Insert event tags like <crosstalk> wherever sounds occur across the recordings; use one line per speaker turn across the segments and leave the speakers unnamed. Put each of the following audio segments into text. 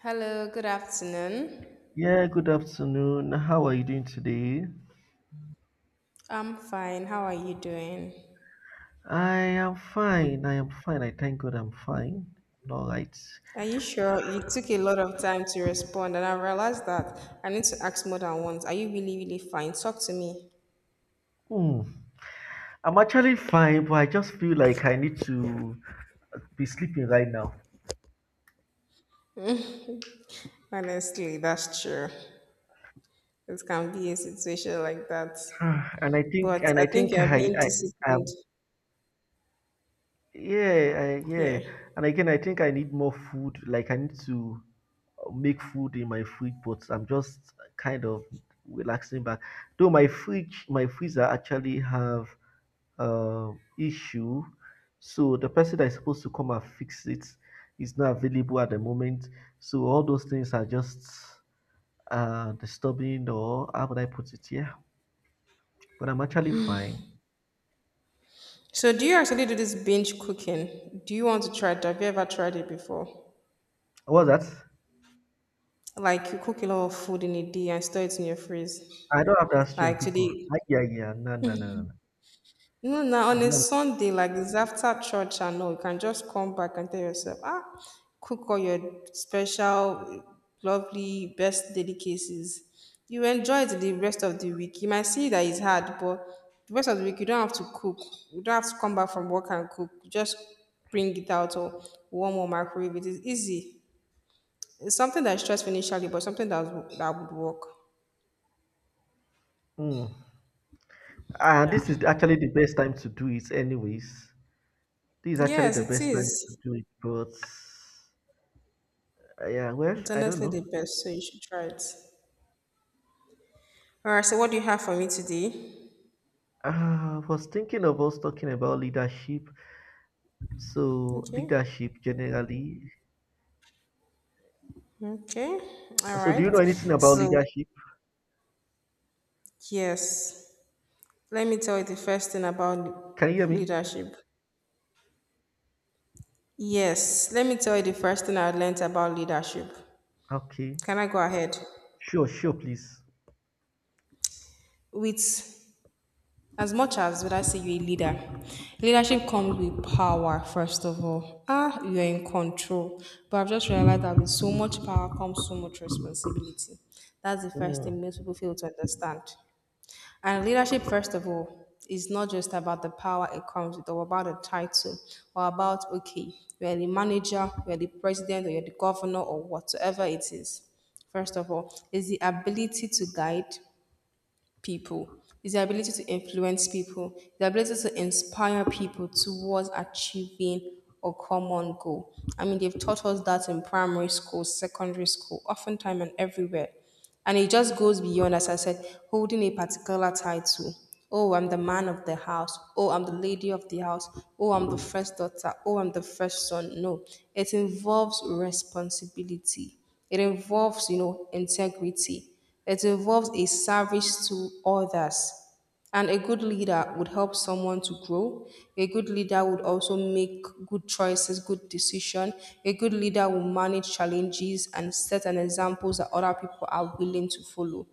Hello, good afternoon.
Yeah, good afternoon. How are you doing today?
I'm fine. How are you doing?
I am fine. I thank God I'm fine. All right.
Are you sure? It took a lot of time to respond, and I realized that I need to ask more than once. Are you really, really fine? Talk to me.
Hmm. I'm actually fine, but I just feel like I need to be sleeping right now. <sighs>
Honestly, that's true. It can be a situation like that.
Ah,
But
and
I
I
think
think
you're being
I
disciplined
yeah, yeah.
here.
And again, I think I need more food. Like I need to make food in my fridge, but I'm just kind of relaxing back. Though my freezer actually have uh, issue. So the person that is supposed to come and fix it is not available at the moment. So all those things are just disturbing, or how would I put it? Yeah, but I'm actually fine.
So, do you actually do this binge cooking? Do you want to try it? Have you ever tried it before?
What's that?
Like, you cook a lot of food in a day and store it in your freeze.
I don't have that
Like,
strength, Pico.
today.
Ah, yeah, yeah, no, no, no, no, no.
Now on
I
a
don't.
Sunday, like this after church and all, you can just come back and tell yourself, ah, cook all your special, lovely, best delicacies. You enjoy it the rest of the week. You might see that it's hard, but the rest of the week, you don't have to cook. You don't have to come back from work and cook. You just bring it out or warm or microwave. It is easy. It's something that's stressful initially, but something that would work.
Mm. And
Yeah.
this is actually the best time to do it, anyways. This is actually
Yes,
the
it
best time to
is.
do it, but yeah, well,
It's
I don't
honestly
know.
the best, so you should try it. All right, so what do you have for me today?
I was thinking of us talking about leadership. So
Okay,
leadership generally.
okay, all
So do you know
right.
anything about
So,
leadership?
yes, let me tell you the first thing about
Can you hear me?
leadership. Yes, let me tell you the first thing I learned about leadership.
Okay.
Can I go ahead?
Sure, sure, please.
With as much as would I say you're a leader, leadership comes with power, first of all. Ah, you're in control. But I've just realized that with so much power comes so much responsibility. That's the first
Mm.
thing most people fail to understand. And leadership, first of all, is not just about the power it comes with or about the title or about, okay, you're the manager, you're the president, or you're the governor, or whatsoever it is. First of all, is the ability to guide, people, is the ability to influence people, the ability to inspire people towards achieving a common goal. I mean, they've taught us that in primary school, secondary school, oftentimes and everywhere. And it just goes beyond, as I said, holding a particular title. Oh, I'm the man of the house. Oh, I'm the lady of the house. Oh, I'm the first daughter. Oh, I'm the first son. No, it involves responsibility. It involves integrity. It involves a service to others, and a good leader would help someone to grow. A good leader would also make good choices, good decision. A good leader will manage challenges and set an examples that other people are willing to follow.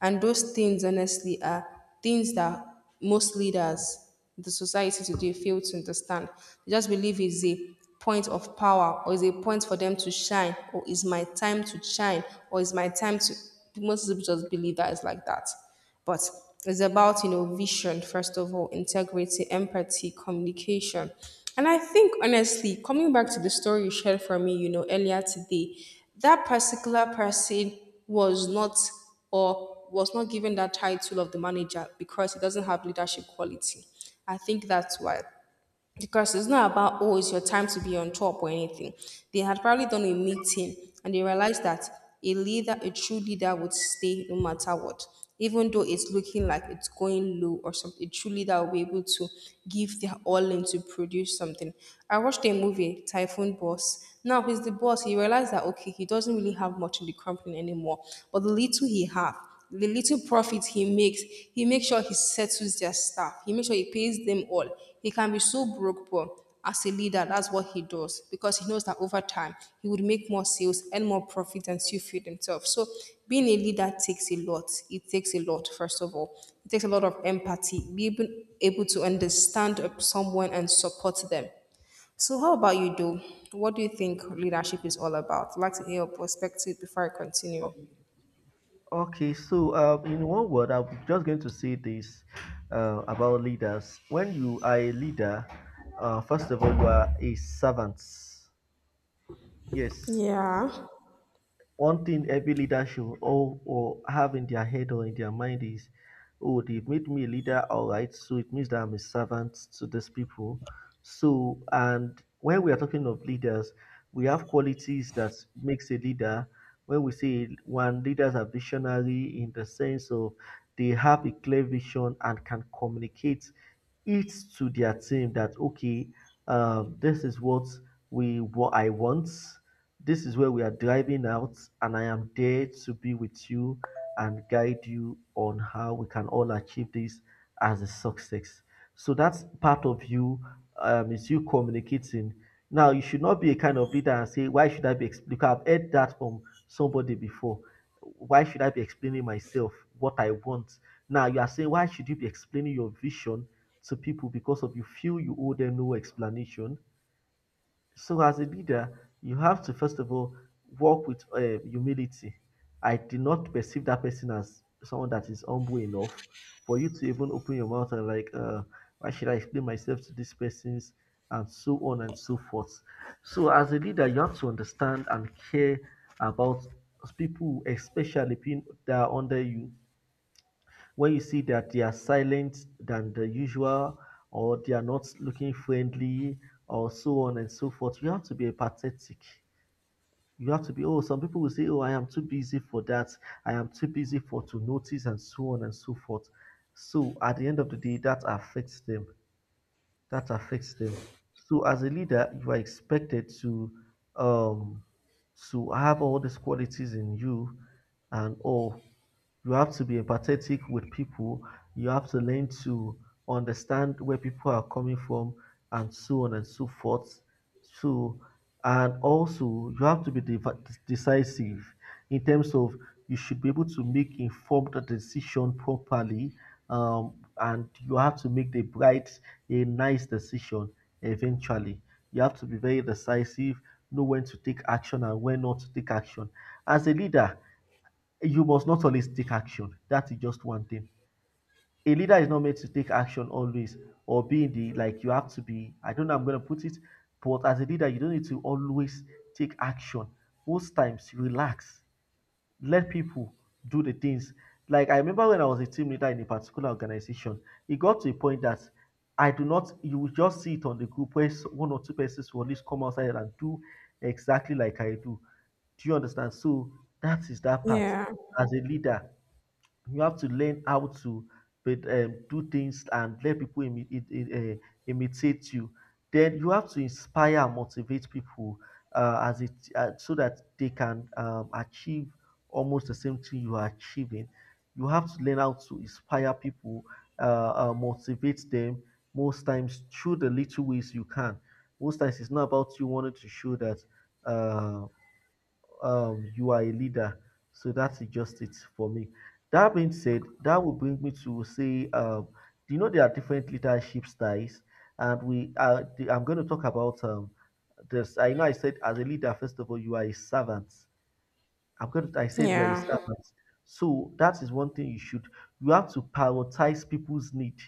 And those things, honestly, are things that most leaders in the society today fail to understand. They just believe it's a point of power, or is a point for them to shine, or is my time to shine, or is my time to, most people just believe that it's like that. But it's about, vision, first of all, integrity, empathy, communication. And I think, honestly, coming back to the story you shared for me, earlier today, that particular person was not, or was not given that title of the manager because he doesn't have leadership quality. I think that's why, because it's not about oh it's your time to be on top or anything. They had probably done a meeting and they realized that a leader, a true leader, would stay no matter what. Even though it's looking like it's going low or something, a true leader will be able to give their all in to produce something. I watched a movie, Typhoon Boss. Now he's the boss. He realized that okay, he doesn't really have much in the company anymore, but the little he have, the little profit he makes sure he settles their staff. He makes sure he pays them all. He can be so broke, but as a leader, that's what he does because he knows that over time he would make more sales and more profit and still feed himself. So being a leader takes a lot. It takes a lot, first of all. It takes a lot of empathy, being able to understand someone and support them. So how about you, Do? What do you think leadership is all about? I'd like to hear your perspective before I continue.
O- Okay, so in one word, I'm just going to say this about leaders. When you are a leader, first of all, you are a servant. Yes,
Yeah.
one thing every leader should all or have in their head or in their mind is, oh, they've made me a leader, all right. So it means that I'm a servant to these people. So and when we are talking of leaders, we have qualities that makes a leader. When we say one leaders are visionary in the sense of they have a clear vision and can communicate it to their team that okay, this is what we what I want, this is where we are driving out, and I am there to be with you and guide you on how we can all achieve this as a success. So that's part of you, is you communicating. Now, you should not be a kind of leader and say, why should I be explaining? Because I've heard that from somebody before. Why should I be explaining myself, what I want? Now, you are saying, why should you be explaining your vision to people because of you feel you owe them no explanation? So as a leader, you have to first of all work with humility. I did not perceive that person as someone that is humble enough for you to even open your mouth and like, why should I explain myself to these persons and so on and so forth. So as a leader, you have to understand and care about people, especially people that are under you where you see that they are silent than the usual or they are not looking friendly or so on and so forth. You have to be apathetic. You have to be, oh, some people will say, oh, I am too busy for that. I am too busy for to notice and so on and so forth. So at the end of the day, that affects them. So as a leader, you are expected um to have all these qualities in you and all. You have to be empathetic with people. You have to learn to understand where people are coming from and so on and so forth. So and also you have to be decisive in terms of you should be able to make informed decision properly, and you have to make the right a nice decision eventually. You have to be very decisive, know when to take action and when not to take action. As a leader, you must not always take action. That is just one thing. A leader is not meant to take action always or be the like you have to be. I don't know, I'm going to put it, but as a leader, you don't need to always take action. Most times, relax, let people do the things. Like I remember when I was a team leader in a particular organization, it got to a point that I do not. You will just see it on the group where one or two persons will at least come outside and do exactly like I do. Do you understand? So that is that part
Yeah,
as a leader. You have to learn how to but, do things and let people imitate you. Then you have to inspire and motivate people as it so that they can achieve almost the same thing you are achieving. You have to learn how to inspire people, motivate them. Most times, through the little ways you can. Most times, it's not about you wanting to show that. Uh, you are a leader. So that's just it for me. That being said, that will bring me to say, do you know there are different leadership styles? I'm going to talk about this. I know I said as a leader, first of all, you are a servant. I said you are a
yeah,
servant. So that is one thing you should. You have to prioritize people's need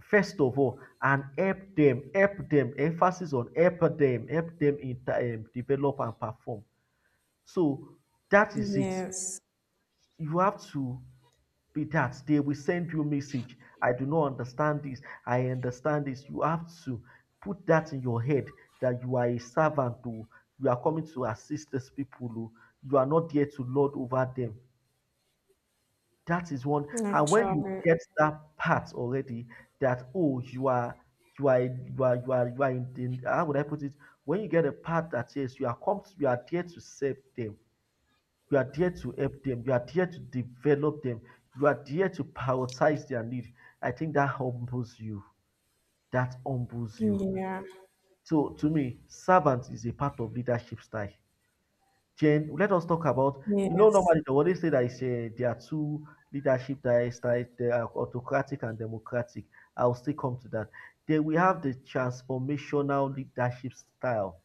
first of all and help them, Emphasis on help them in develop and perform. So that is it,
yes,
you have to be that they will send you a message. I do not understand this, I understand this. You have to put that in your head that you are a servant, who you are coming to assist these people, who you are not there to lord over them. That is one. And when you
actually,
get that part already, that oh you are you are you are you are you are in the, how would I put it, when you get a part that yes, you are come to, you are there to save them, you are there to help them. You are there to develop them. You are there to prioritize their need. I think that humbles you. That humbles you.
yeah,
So to me, servant is a part of leadership style. Jen, let us talk about, you know,
yes,
normally they always say that it's there are two leadership styles: they are autocratic and democratic. I'll still come to that. Then we have the transformational leadership style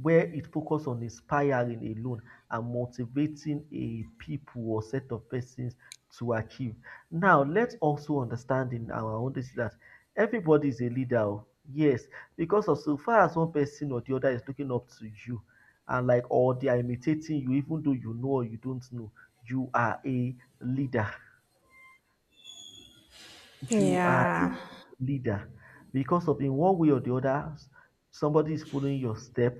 where it focuses on inspiring alone and motivating a people or set of persons to achieve. Now let's also understand in our own dis dat everybody is a leader. Oh, yes, because of so far as one person or the other is looking up to you and like or they are imitating you, even though you know or you don't know, you are a leader. you are a
yeah,
leader because of in one way or the other somebody is following your step.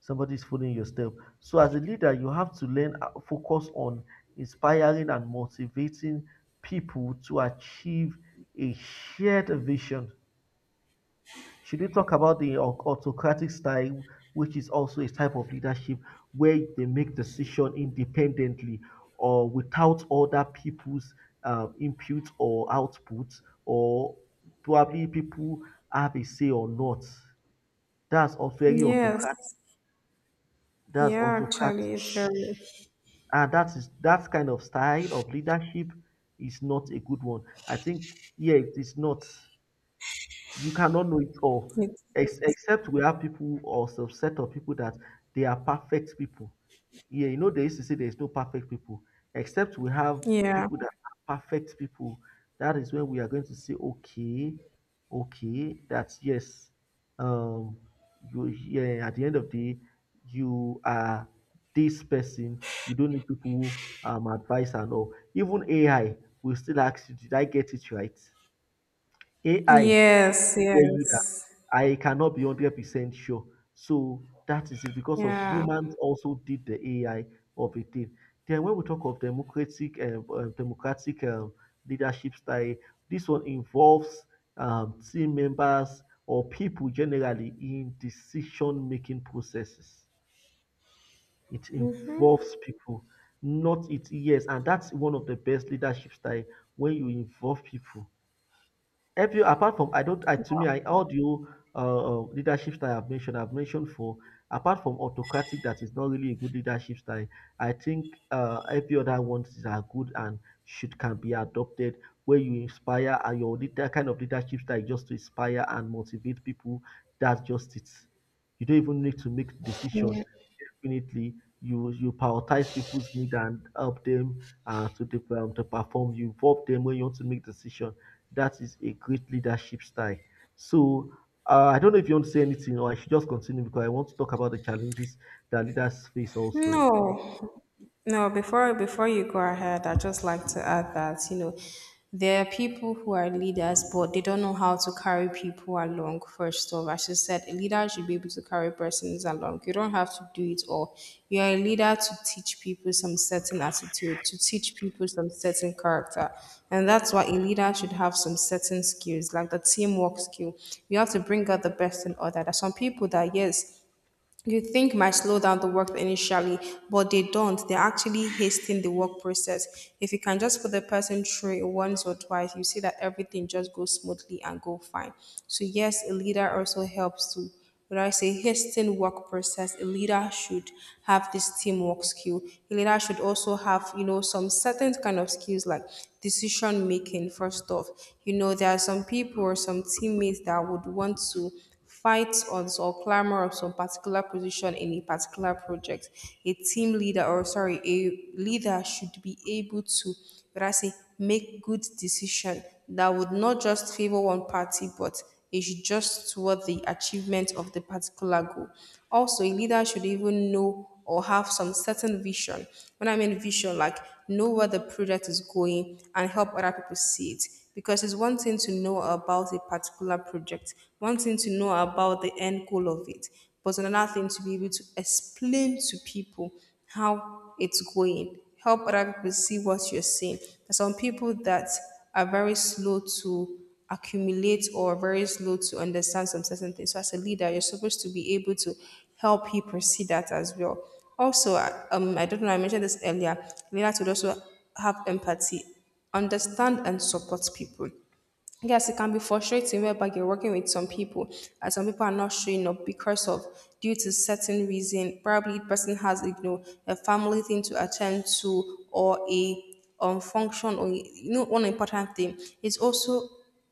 Somebody is following your step. So as a leader you have to learn focus on inspiring and motivating people to achieve a shared vision. Should we talk about the autocratic style, which is also a type of leadership where they make decision independently or without other people's input or output, or probably people have a say or not. That's also very autocratic.
yes,
That's
yeah,
autocratic,
actually, it's very,
and that is that kind of style of leadership is not a good one. I think yeah, it is not. You cannot know it all,
it's,
except we have people or subset of people that they are perfect people. Yeah, you know they used to say there's no perfect people, except we have
yeah,
people that are perfect people. That is when we are going to say okay, okay, that's yes. um you, yeah, at the end of the day, you are this person, you don't need people advice and all. Even AI will still ask you, did I get it right? AI will
yes,
tell you that
yes,
I cannot be 100% sure. So that is it because of
yeah.
humans also did the AI of a thing. Then when we talk of democratic democratic leadership style, this one involves team members or people generally in decision making processes. It involves people, not it yes, and that's one of the best leadership style when you involve people help you apart from I don't I to me I all you leadership style I've mentioned for apart from autocratic that is not really a good leadership style. I think every other ones are good and should can be adopted where you inspire and your leader kind of leadership style is just to inspire and motivate people. That's just it. You don't even need to make decision definitely. You prioritize people's need and help them to to perform. You involve them when you want to make decision. That is a great leadership style. So I don't know if you want to say anything or I should just continue because I want to talk about the challenges that leaders face also.
No, no, before before you go ahead, I'd just like to add that, you know, there are people who are leaders, but they don't know how to carry people along, first off. As you said, a leader should be able to carry persons along. You don't have to do it all. You are a leader to teach people some certain attitude, to teach people some certain character. And that's why a leader should have some certain skills, like the teamwork skill. You have to bring out the best in other. There's some people that, yes, you think might slow down the work initially, but they don't. They're actually hastening the work process. If you can just put the person through it once or twice, you see that everything just goes smoothly and go fine. So yes, a leader also helps to, when I say hasten work process, a leader should have this teamwork skill. A leader should also have, you know, some certain kind of skills like decision making, first off. You know, there are some people or some teammates that would want to fights on or clamor of some particular position in a particular project, a team leader or sorry, a leader should be able to, what I say, make good decision that would not just favor one party, but it should just toward the achievement of the particular goal. Also, a leader should even know or have some certain vision. When I mean vision, like know where the product is going and help other people see it. Because it's one thing to know about a particular project, one thing to know about the end goal of it, but another thing to be able to explain to people how it's going, help other people see what you're seeing. There's some people that are very slow to accumulate or very slow to understand some certain things. So as a leader, you're supposed to be able to help people see that as well. Also, I don't know, I mentioned this earlier, leaders would also have empathy, understand and support people. Yes, it can be frustrating whereby you're working with some people and some people are not showing up because of due to certain reason. Probably the person has you know a family thing to attend to or a function or you know one important thing. It's also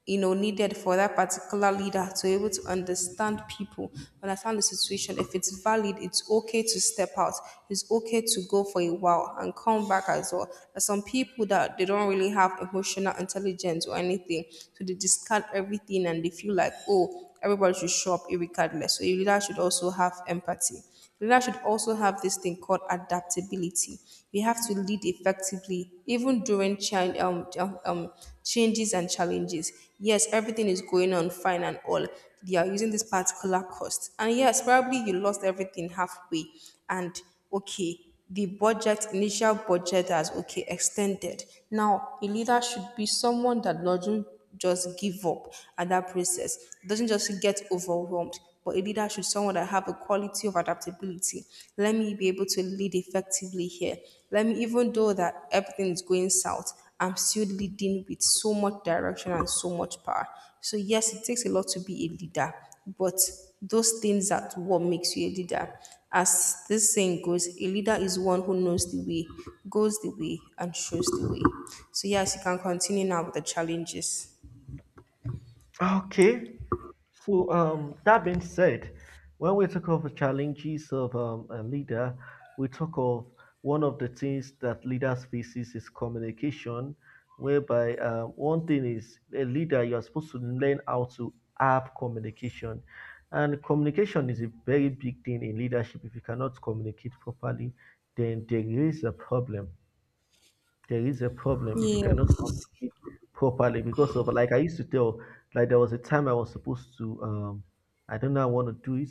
you know needed for that particular leader to be able to understand people, understand the situation. If it's valid, it's okay to step out, it's okay to go for a while and come back as well. There's some people that they don't really have emotional intelligence or anything, so they discard everything and they feel like oh everybody should show up regardless. So your leader should also have empathy. Leader should also have this thing called adaptability. We have to lead effectively, even during changes and challenges. Yes, everything is going on fine and all. They are using this particular cost. And yes, probably you lost everything halfway. And okay, the budget, initial budget has okay extended. Now, a leader should be someone that doesn't just give up at that process. It doesn't just get overwhelmed, but a leader should someone that have a quality of adaptability. Let me be able to lead effectively here. Let me, even though that everything is going south, I'm still leading with so much direction and so much power. So yes, it takes a lot to be a leader, but those things are what makes you a leader. As this saying goes, a leader is one who knows the way, goes the way, and shows the way. So yes, you can continue now with the challenges.
Okay. So, that being said, when we talk of the challenges of a leader, we talk of one of the things that leaders faces is communication, whereby one thing is a leader you are supposed to learn how to have communication, and communication is a very big thing in leadership. If you cannot communicate properly, then there is a problem. There is a problem if you
Yeah.
cannot communicate properly because of like I used to tell. Like there was a time I was supposed to I don't know I want to do it,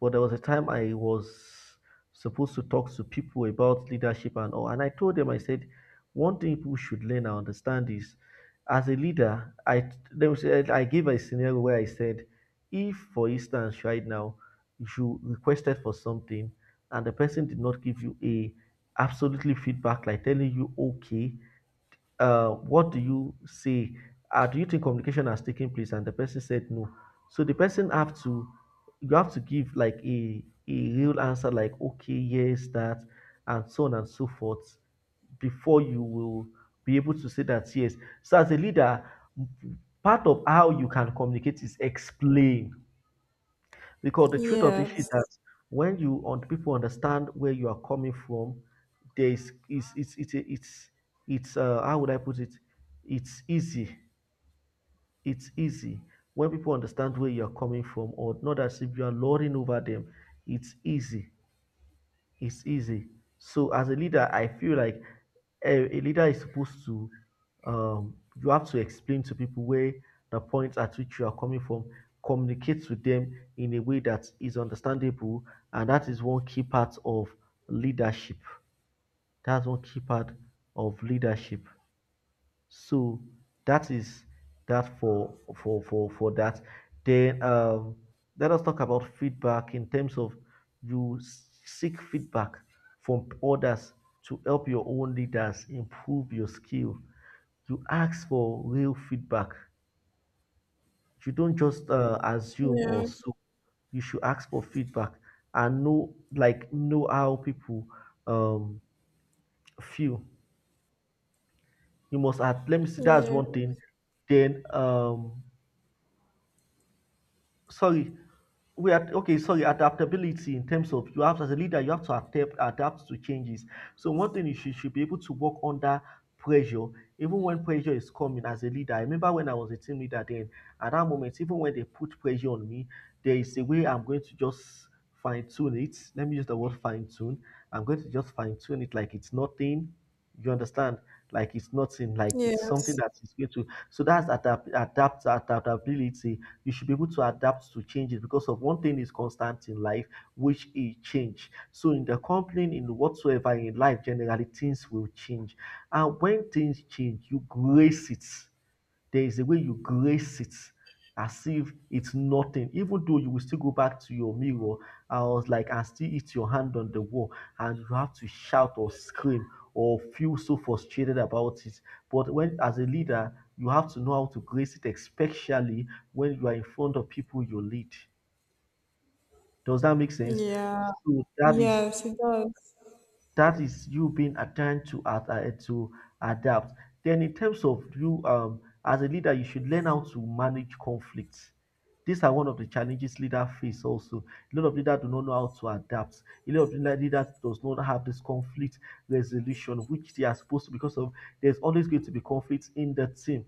but there was a time I was supposed to talk to people about leadership and all, and I told them I said one thing people should learn and understand is as a leader I they will say I gave a scenario where I said if for instance right now you requested for something and the person did not give you a absolutely feedback like telling you okay, what do you say, do you think communication has taken place, and the person said no. So the person have to, you have to give like a real answer like okay yes that and so on and so forth before you will be able to say that yes. So as a leader, part of how you can communicate is explain, because the truth of the issue is
Yes.
that when you on people understand where you are coming from, there is it's how would I put it? It's easy. It's easy when people understand where you are coming from, or not as if you are lording over them. It's easy, it's easy. So as a leader, I feel like a leader is supposed to you have to explain to people where the point at which you are coming from, communicate to them in a way that is understandable, and that is one key part of leadership. That's one key part of leadership. So that is that for that. Then let us talk about feedback in terms of you seek feedback from others to help your own leaders improve your skill. You ask for real feedback. You don't just assume or
Yeah.
so. You should ask for feedback and know like know how people um feel. You must add, let me see, that's
Yeah.
one thing. Then sorry, we are okay, sorry, adaptability in terms of you have as a leader you have to adapt to changes. So one thing is you should be able to work under pressure. Even when pressure is coming as a leader, I remember when I was a team leader then, at that moment, even when they put pressure on me, there is a way I'm going to just fine tune it, let me use the word fine tune. I'm going to just fine tune it like it's nothing. You understand? Like it's nothing, like it's something
Yes.
that is going to, so that's adaptability. You should be able to adapt to changes because of one thing is constant in life, which is change. So in the company, in whatsoever in life, generally things will change. And when things change, you grace it. There is a way you grace it as if it's nothing, even though you will still go back to your mirror. I was like, and still hit your hand on the wall, and you have to shout or scream or feel so frustrated about it. But when, as a leader, you have to know how to grace it, especially when you are in front of people you lead. Does that make sense?
Yeah.
So
Yeah. Yes, it does.
that is you being attuned to to adapt. Then in terms of you as a leader, you should learn how to manage conflicts. These are one of the challenges leaders face also. A lot of leaders do not know how to adapt. A lot of leaders does not have this conflict resolution which they are supposed to because of there's always going to be conflict in the team.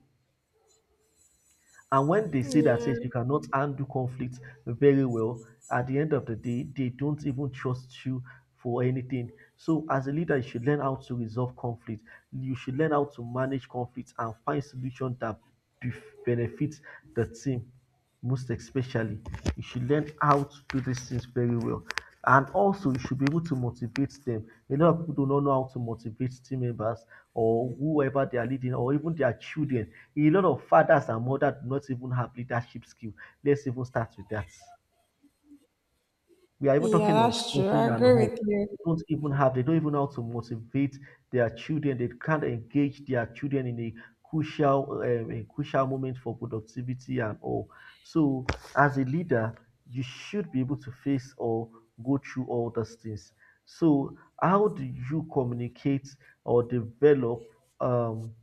And when they say that
Yeah.
says you cannot handle conflict very well, at the end of the day, they don't even trust you for anything. So as a leader, you should learn how to resolve conflict. You should learn how to manage conflict and find solution that bef- benefits the team most especially. You should learn how to do these things very well. And also, you should be able to motivate them. A lot of people do not know how to motivate team members or whoever they are leading or even their children. A lot of fathers and mothers do not even have leadership skill, let's even start with that. We are even
Yeah,
talking of
that's true.
nursing
I
and
agree
all.
with you.
They don't even have, they don't even know how to motivate their children. They can't engage their children in a crucial moment for productivity and all. So, as a leader, you should be able to face or go through all those things. So, how do you communicate or develop um,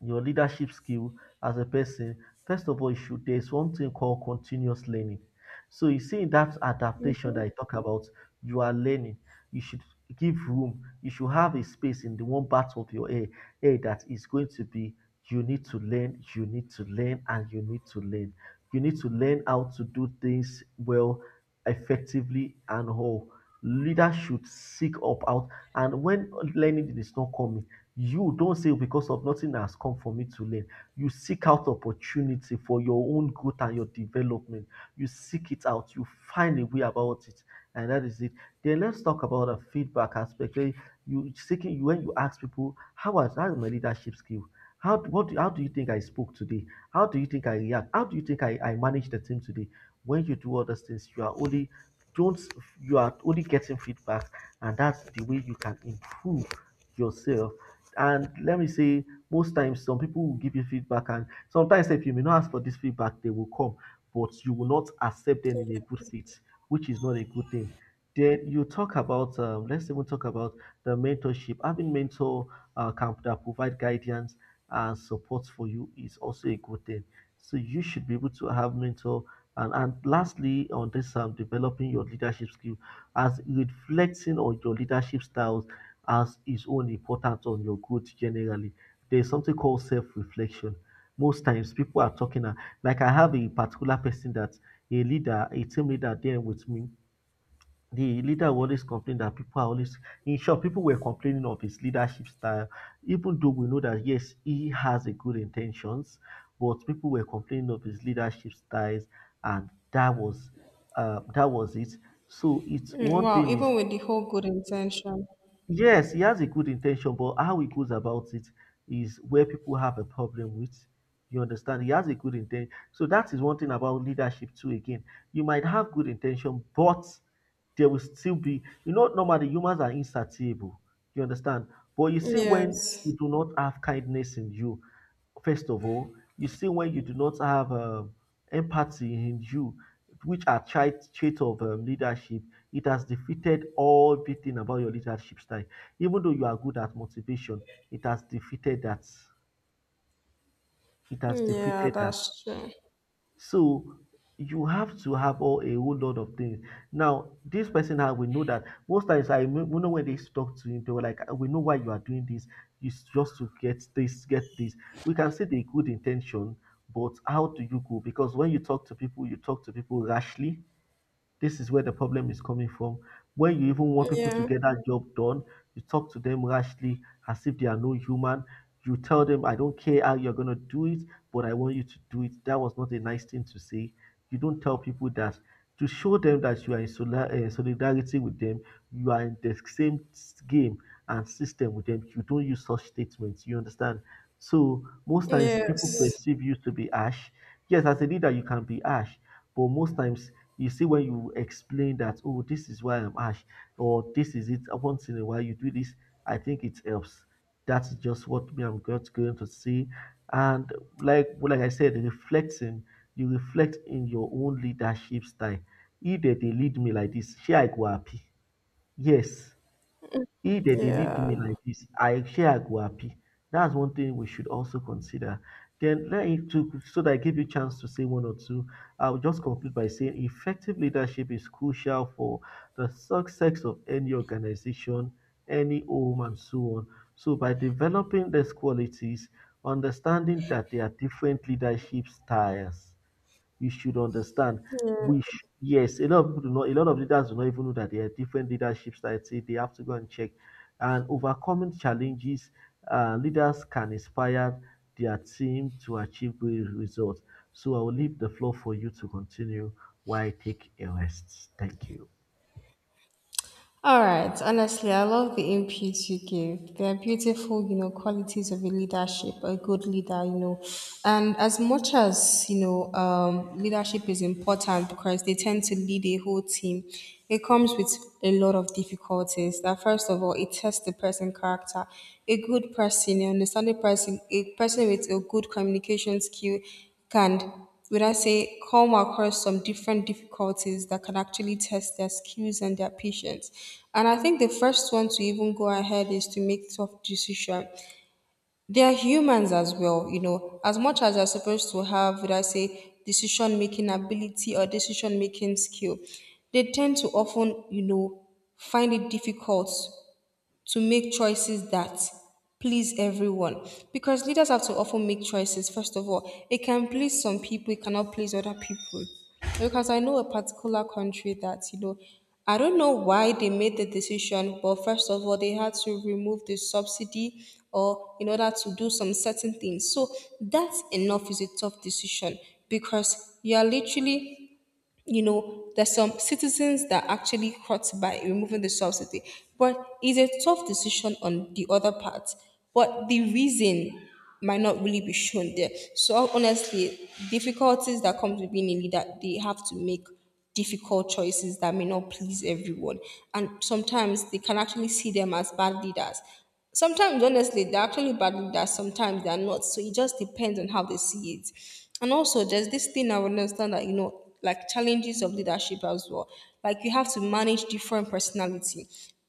your leadership skill as a person? First of all, you should, there's one thing called continuous learning. So you see in that adaptation that I talk about, you are learning. You should give room. You should have a space in the one part of your hair, hair that is going to be you need to learn, you need to learn, and you need to learn. You need to learn how to do things well, effectively, and all. Leaders should seek up out. And when learning is not coming, you don't say because of nothing has come for me to learn. You seek out opportunity for your own growth and your development. You seek it out. You find a way about it, and that is it. Then let's talk about the feedback aspect. Where you seeking, when you ask people, how was how is my leadership skill? How what do, how do you think I spoke today? How do you think I react? How do you think I manage the team today? When you do all those things, you are only don't you are only getting feedback, and that's the way you can improve yourself. And let me say, most times some people will give you feedback, and sometimes if you may not ask for this feedback they will come, but you will not accept them in a good faith, which is not a good thing. Then you talk about let's even talk about the mentorship, having mentor camp that provide guidance and support for you is also a good thing. So you should be able to have mentor. And lastly on this developing your leadership skill as reflecting on your leadership styles has its own importance on your growth generally. There's something called self-reflection. Most times people are talking like I have a particular person that a leader, a team leader there with me. The leader will always complain that people are always in short, people were complaining of his leadership style, even though we know that yes, he has a good intentions, but people were complaining of his leadership styles, and that was it. So it's
Mm,
one
wow,
thing is
even with the whole good intention.
yes, he has a good intention, but how he goes about it is where people have a problem with. You understand? He has a good intent. So that is one thing about leadership too. Again, you might have good intention, but there will still be, you know, normally humans are insatiable. You understand? But you see, when
Yes.
you do not have kindness in you, first of all, you see when you do not have empathy in you, which are trait of leadership, it has defeated all everything about your leadership style. Even though you are good at motivation, it has defeated that. It has
Yeah,
defeated that.
that's true.
So you have to have all a whole lot of things. Now, this person I we know that most times we know when they used to talk to him, they were like, "We know why you are doing this. It's just to get this, get this." We can see the good intention, but how do you go? Because when you talk to people, you talk to people rashly, this is where the problem is coming from. When you even want people to
Yeah.
get that job done, you talk to them rashly as if they are no human. You tell them, I don't care how you're going to do it, but I want you to do it. That was not a nice thing to say. You don't tell people that. To show them that you are in solidarity with them, you are in the same game and system with them. You don't use such statements. You understand? So, most times people
Yes.
perceive you to be ash. Yes, as a leader, you can be ash, but most times you see, when you explain that, oh, this is why I'm ash, or this is it, once in a while you do this, I think it helps. That's just what me I'm going to see. And like I said, reflecting, you reflect in your own leadership style. If they, lead me like this, shey I go happy? Yes. If they dey lead me
Yeah.
like this, I share I go happy. That's one thing we should also consider. Then let it to so that I give you chance to say one or two. I'll just conclude by saying effective leadership is crucial for the success of any organization, any home, and so on. So by developing these qualities, understanding that there are different leadership styles you should understand.
Yeah.
Yes, a lot of people do not. A lot of leaders do not even know that there are different leadership styles. Say they have to go and check. And overcoming challenges, leaders can inspire their team to achieve great results. So I will leave the floor for you to continue while I take a rest. Thank you.
All right. Honestly, I love the inputs you give. They're beautiful, you know, qualities of a leadership, a good leader, you know. And as much as, leadership is important because they tend to lead a whole team, it comes with a lot of difficulties. That first of all, it tests the person character. A good person, an understanding person, a person with a good communication skill can would I say, come across some different difficulties that can actually test their skills and their patience. And I think the first one to even go ahead is to make tough decision. They are humans as well, as much as they're supposed to have, would I say, decision making ability or decision making skill, they tend to often, find it difficult to make choices that please everyone, because leaders have to often make choices. First of all, it can please some people, it cannot please other people, because I know a particular country that, I don't know why they made the decision, but first of all they had to remove the subsidy or in order to do some certain things. So that enough is a tough decision, because you are literally, there's some citizens that actually hurt by removing the subsidy, but it's a tough decision on the other part. But the reason might not really be shown there. So honestly, difficulties that come with being a leader, they have to make difficult choices that may not please everyone. And sometimes they can actually see them as bad leaders. Sometimes, honestly, they're actually bad leaders, sometimes they're not. So it just depends on how they see it. And also, there's this thing I would understand, that, like challenges of leadership as well. Like you have to manage different personality.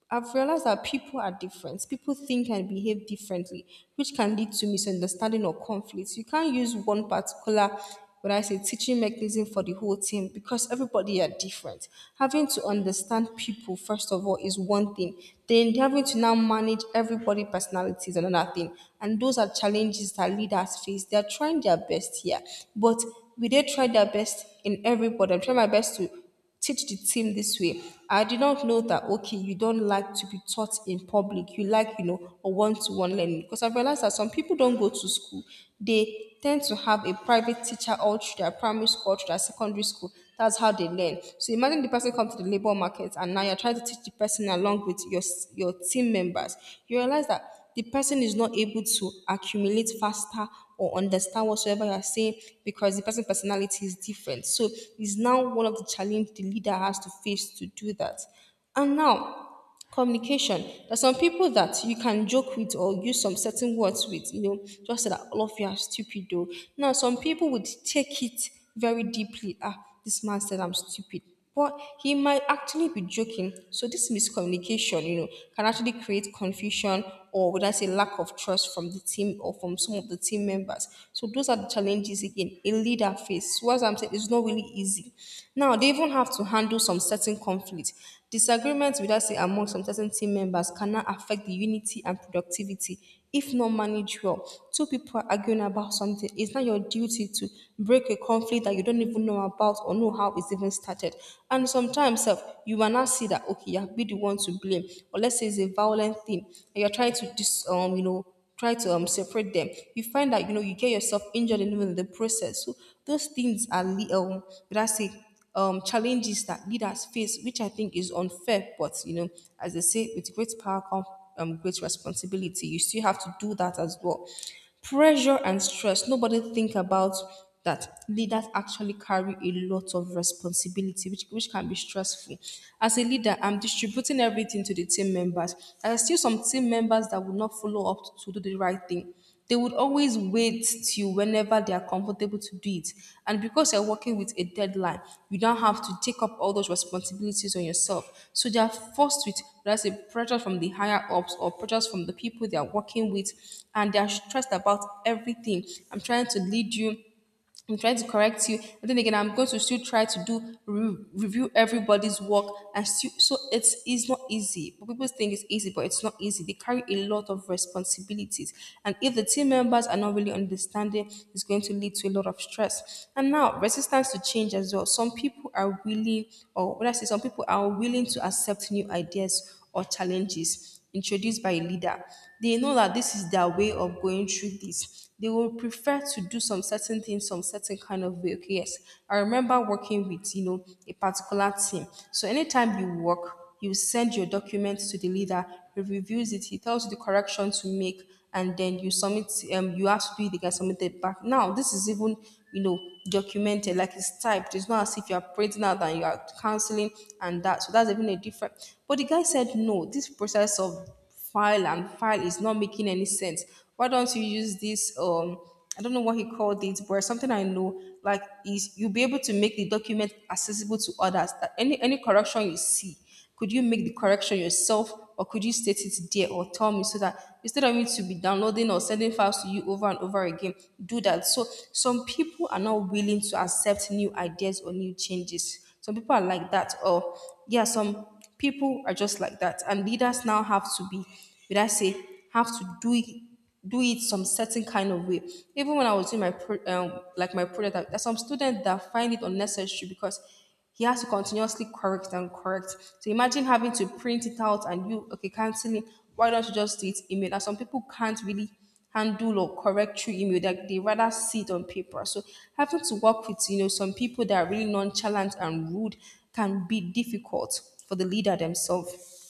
I've realized that people are different. People think and behave differently, which can lead to misunderstanding or conflicts. You can't use one particular, when I say, teaching mechanism for the whole team because everybody are different. Having to understand people first of all is one thing. Then having to now manage everybody personality is another thing. And those are challenges that leaders face. They are trying their best here, but will they try their best in everybody? I'm trying my best to teach the team this way. I did not know that, okay, you don't like to be taught in public. You like, a one to one learning. Because I realized that some people don't go to school. They tend to have a private teacher all through their primary school, through their secondary school. That's how they learn. So imagine the person comes to the labor market and now you're trying to teach the person along with your team members. You realize that the person is not able to accumulate faster or understand whatsoever you are saying because the person's personality is different. So it's now one of the challenge the leader has to face to do that. And now communication. There are some people that you can joke with or use some certain words with, just so that all of you are stupid though. Now some people would take it very deeply. Ah, this man said I'm stupid, but he might actually be joking. So this miscommunication, can actually create confusion, or would I say lack of trust from the team or from some of the team members. So those are the challenges again a leader faces. So as I'm saying, it's not really easy. Now they even have to handle some certain conflict. Disagreements with that say among some certain team members can now affect the unity and productivity if not managed well. Two people are arguing about something. It's not your duty to break a conflict that you don't even know about or know how it's even started. And sometimes sef, you will not see that okay, you have been the one to blame. Or let's say it's a violent thing and you're trying to dis try to separate them, you find that you get yourself injured in even the process. So those things are but I say challenges that leaders face, which I think is unfair. But as they say, with great power comes great responsibility. You still have to do that as well. Pressure and stress nobody think about, that leaders actually carry a lot of responsibility, which can be stressful. As a leader, I'm distributing everything to the team members, there are still some team members that will not follow up to do the right thing. They would always wait till whenever they are comfortable to do it. And because you're working with a deadline, you don't have to take up all those responsibilities on yourself. So they are forced with, let's say, pressure from the higher ups or pressures from the people they are working with, and they're stressed about everything. I'm trying to lead you, I'm trying to correct you. But then again, I'm going to still try to do review everybody's work and still. So it's not easy. But people think it's easy, but it's not easy. They carry a lot of responsibilities, and if the team members are not really understanding, it's going to lead to a lot of stress. And now resistance to change as well. Some people are willing, or what I say, some people are willing to accept new ideas or challenges introduced by a leader. They know that this is their way of going through this, they will prefer to do some certain things some certain kind of way. Okay, yes, I remember working with, a particular team. So anytime you work, you send your documents to the leader, he reviews it, he tells you the correction to make, and then you submit. You have to do it again, submit it back. Now this is even, you know documented, like it's typed, it's not as if you're printing out and you're canceling and that. So that's even a different, but the guy said, no, this process of file and file is not making any sense. Why don't you use this? I don't know what he called it, but something I know like is you'll be able to make the document accessible to others. That any correction you see, could you make the correction yourself, or could you state it there or tell me, so that instead of me to be downloading or sending files to you over and over again, do that. So some people are not willing to accept new ideas or new changes. Some people are like that, or yeah, some people are just like that. And leaders now have to be, would I say, have to do it some certain kind of way. Even when I was doing my like my project, there are some students that find it unnecessary because he has to continuously correct and correct. So imagine having to print it out and you okay canceling. Why don't you just do it email? And some people can't really handle or correct through email, that they rather see it on paper. So having to work with, some people that are really nonchalant and rude can be difficult for the leader themselves.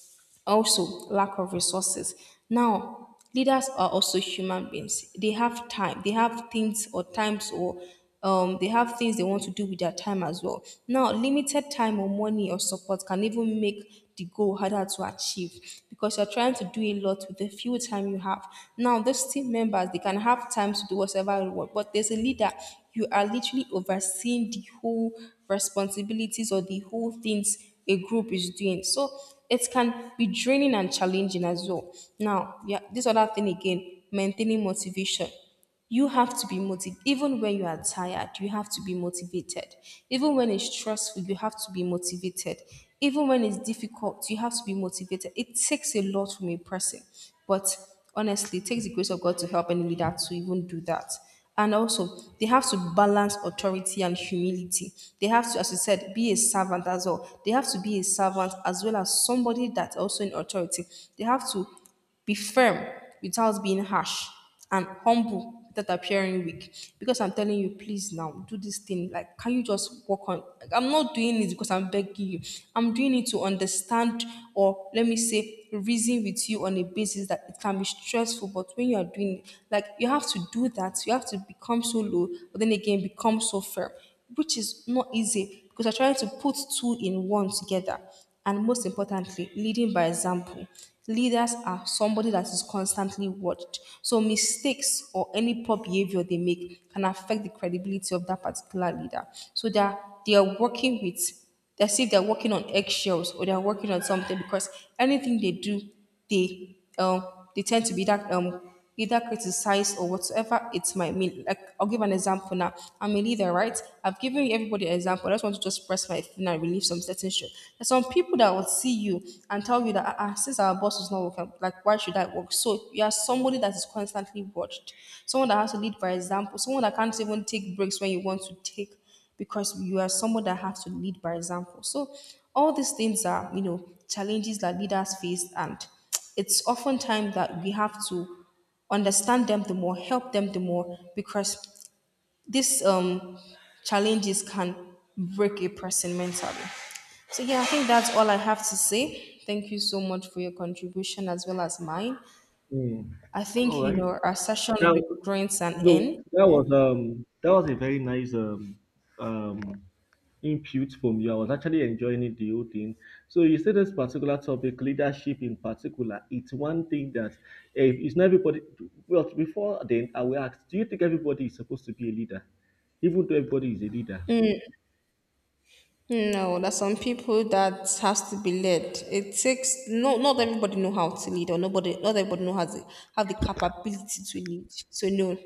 Also, lack of resources. Now, leaders are also human beings. They have time. They have things or times or they have things they want to do with their time as well. Now, limited time or money or support can even make the goal harder to achieve because you're trying to do a lot with the few time you have. Now, those team members they can have time to do whatever you want, but there's a leader. You are literally overseeing the whole responsibilities or the whole things a group is doing. So it can be draining and challenging as well. Now, yeah, this other thing again, maintaining motivation. You have to be motivated. Even when you are tired, you have to be motivated. Even when it's stressful, you have to be motivated. Even when it's difficult, you have to be motivated. It takes a lot from a person. But honestly, it takes the grace of God to help any leader to even do that. And also, they have to balance authority and humility. They have to, as you said, be a servant as well. They have to be a servant as well as somebody that's also in authority. They have to be firm without being harsh, and humble without appearing weak. Because I'm telling you, please now do this thing. Like, can you just work on? Like, I'm not doing it because I'm begging you. I'm doing it to understand, or let me say, reason with you on a basis that it can be stressful. But when you are doing it, like you have to do that. You have to become so low, but then again become so firm, which is not easy because you're trying to put two in one together. And most importantly, leading by example. Leaders are somebody that is constantly watched. So mistakes or any poor behavior they make can affect the credibility of that particular leader. So they are working with, as if they're working on eggshells or they're working on something, because anything they do, they um they tend to be that either criticized or whatsoever it might mean. Like I'll give an example now. I'm a leader, right? I've given everybody an example. I just want to just press my thing and relieve some certain shit. There's some people that will see you and tell you that, "Ah, ah, since our boss is not working, like why should I work?" So you are somebody that is constantly watched, someone that has to lead by example, someone that can't even take breaks when you want to take, because you are someone that has to lead by example. So all these things are, challenges that leaders face, and it's oftentimes that we have to understand them the more, help them the more, because these challenges can break a person mentally. So yeah, I think that's all I have to say. Thank you so much for your contribution as well as mine.
Mm.
I
All
think
right.
our session will
Now,
be drawing to an
no,
end. Yeah.
that was a very nice um input from you. I was actually enjoying it the whole thing. So you see this particular topic, leadership in particular, it's one thing that it's not everybody. Well, before then, I will ask, do you think everybody is supposed to be a leader, even though everybody is a leader?
No, there's some people that has to be led. It takes no, not everybody know how to lead, or nobody, not everybody know how to have the capability to lead. So no,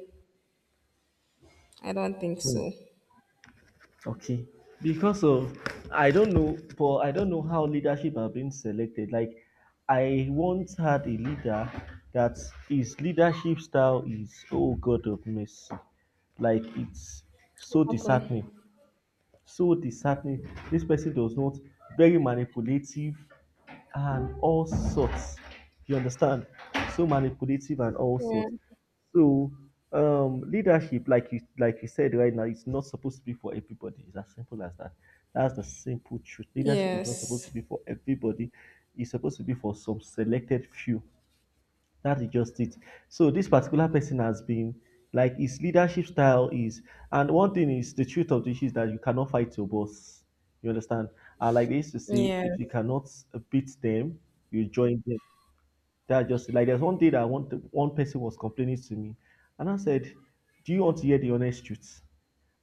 I don't think
Hmm.
so.
Okay. Because of, I don't know, but I don't know how leadership have been selected. Like, I once had a leader that his leadership style is, oh god of mercy, like it's so
Happen.
disheartening, so disheartening. This person does not, very manipulative and all sorts. You understand? So manipulative and all
Yeah.
sorts. So leadership, like you said right now, it's not supposed to be for everybody. It's as simple as that. That's the simple truth. Leadership is not supposed to
Yes.
be for everybody. It's supposed to be for some selected few. That is just it. So this particular person has been, like his leadership style is, and one thing is, the truth of the issue is that you cannot fight your boss. You understand? And like they used to say, if you
Yes.
cannot beat them, you join them. That just like there's one day that one person was complaining to me, and I said, "Do you want to hear the honest truth?"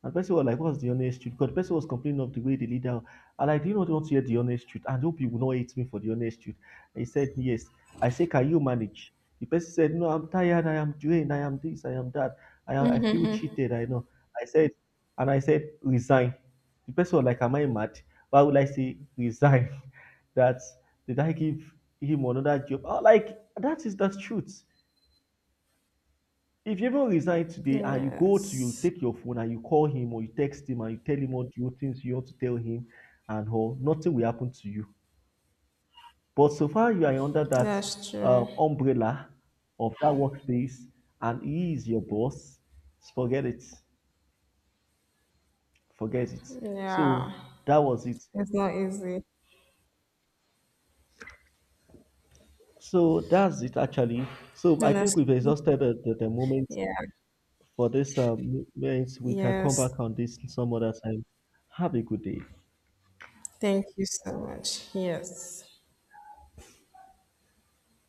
And person was like, "What's the honest truth?" Because the person was complaining of the way the leader, and I did not want to hear the honest truth. I hope you will not hate me for the honest truth. And he said, yes. I say, can you manage? The person said, no, I'm tired, I am drained, I am this, I am that. I feel cheated, I know. I said, and I said, Resign. The person was like, am I mad? Why would I say resign? <laughs> That did I give him another job? Oh, like that is the truth. If you even resign today and you go to, you
Yes.
take your phone and you call him or you text him and you tell him what you things you want to tell him and all, nothing will happen to you. But so far you are under that
That's true.
umbrella of that workplace and he is your boss, forget it. Forget it. So
Yeah.
that was it.
It's not easy.
So that's it actually. So I think we've
Honestly.
exhausted the moment
Yeah.
for this moment. We can come
Yes.
back on this some other time. Have a good day.
Thank you so much. Yes.